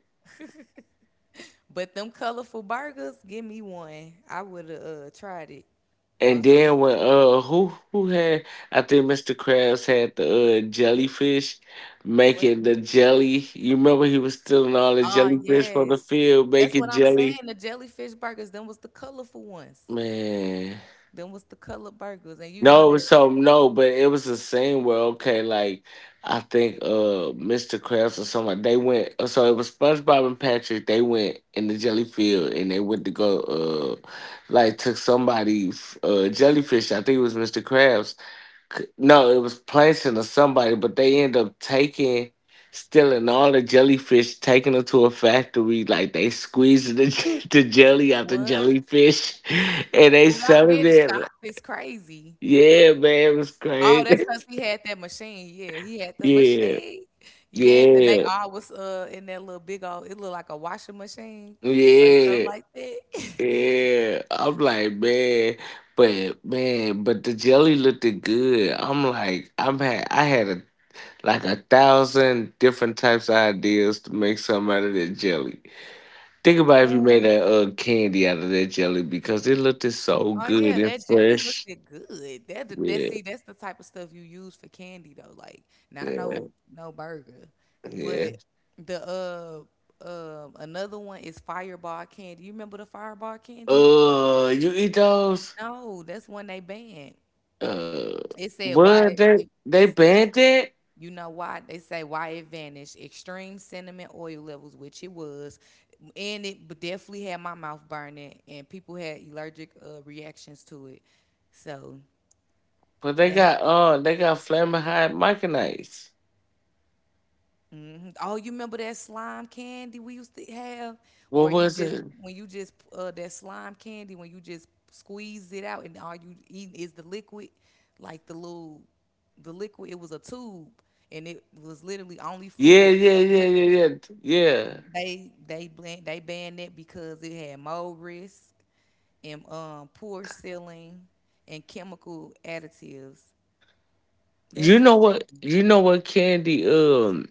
But them colorful burgers, give me one. I would have tried it. And Most definitely. then when who had, I think Mr. Krabs had the jellyfish What? making the jelly. You remember he was stealing all the Oh, jellyfish from the yes. field That's what making I'm saying. jelly? The jellyfish burgers, them was the colorful ones. Man. Them was the color burgers. And you know No, it was that so no, but it was a scene where okay, like I think Mr. Krabs or somebody they went so it was SpongeBob and Patrick, they went in the jelly field and they went to go like took somebody jellyfish, I think it was Mr. Krabs no, it was Plankton or somebody, but they end up taking, stealing all the jellyfish, taking them to a factory. Like they squeezing the, j- the jelly out the what? jellyfish, and they Without selling getting it. shocked is crazy. Yeah, man, it was Oh, crazy. that's because he had that machine. Yeah, he had the yeah, machine. Yes, and they yeah, all was in that little big old. It looked like a washing machine or something yeah, like that. yeah. I'm like, man. But man, but the jelly looked good. I'm like, I'm had I had a like a 1,000 different types of ideas to make something out of that jelly. Think about if you made Ooh, that candy out of that jelly because it looked so oh yeah, good and that jelly looked fresh. it good. That Yeah, see, that's the type of stuff you use for candy though. Like not yeah, no no burger, yeah. but the another one is Fireball candy. You remember the Fireball candy? You eat those? No, that's one they banned. Uh, It said why but they it, they it said banned it, You know why? They say why it vanished. Extreme cinnamon oil levels, which it was, and it definitely had my mouth burning, and people had allergic reactions to it. So but they that. got uh they got flaming hot micronites. Hmm. Oh, you remember that slime candy we used to have, where What you was just it? when you just that slime candy when you just squeeze it out and all you eat is the liquid, like the liquid. It was a tube, and it was literally only Yeah, full yeah, of yeah, liquid. yeah, yeah, yeah. They banned it because it had mold risk and poor sealing and chemical additives. You That's know what? crazy. You know what candy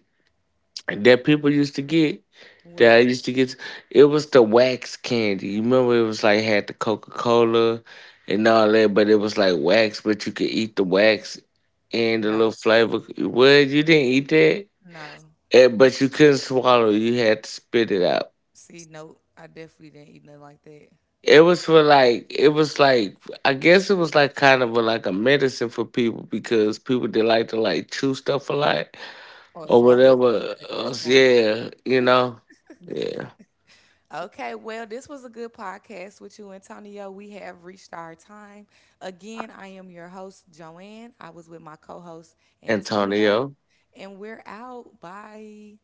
that people used to get? That I What? used to get. It was the wax candy. You remember it was like had the Coca Cola and all that, but it was like wax, but you could eat the wax and the little No, flavor. Well, you didn't eat that. no. Eh, but you couldn't swallow. You had to spit it out. See, no, I definitely didn't eat nothing like that It was for like it was like I guess it was like kind of a, like a medicine for people because people they like to like chew stuff a lot or or swallow stuff whatever. at this Else. point. Yeah, you know. Yeah, Okay, well, this was a good podcast with you, Antonio. We have reached our time. Again, I am your host, Joanne. I was with my co host, Antonio, Antonio. and we're out. Bye.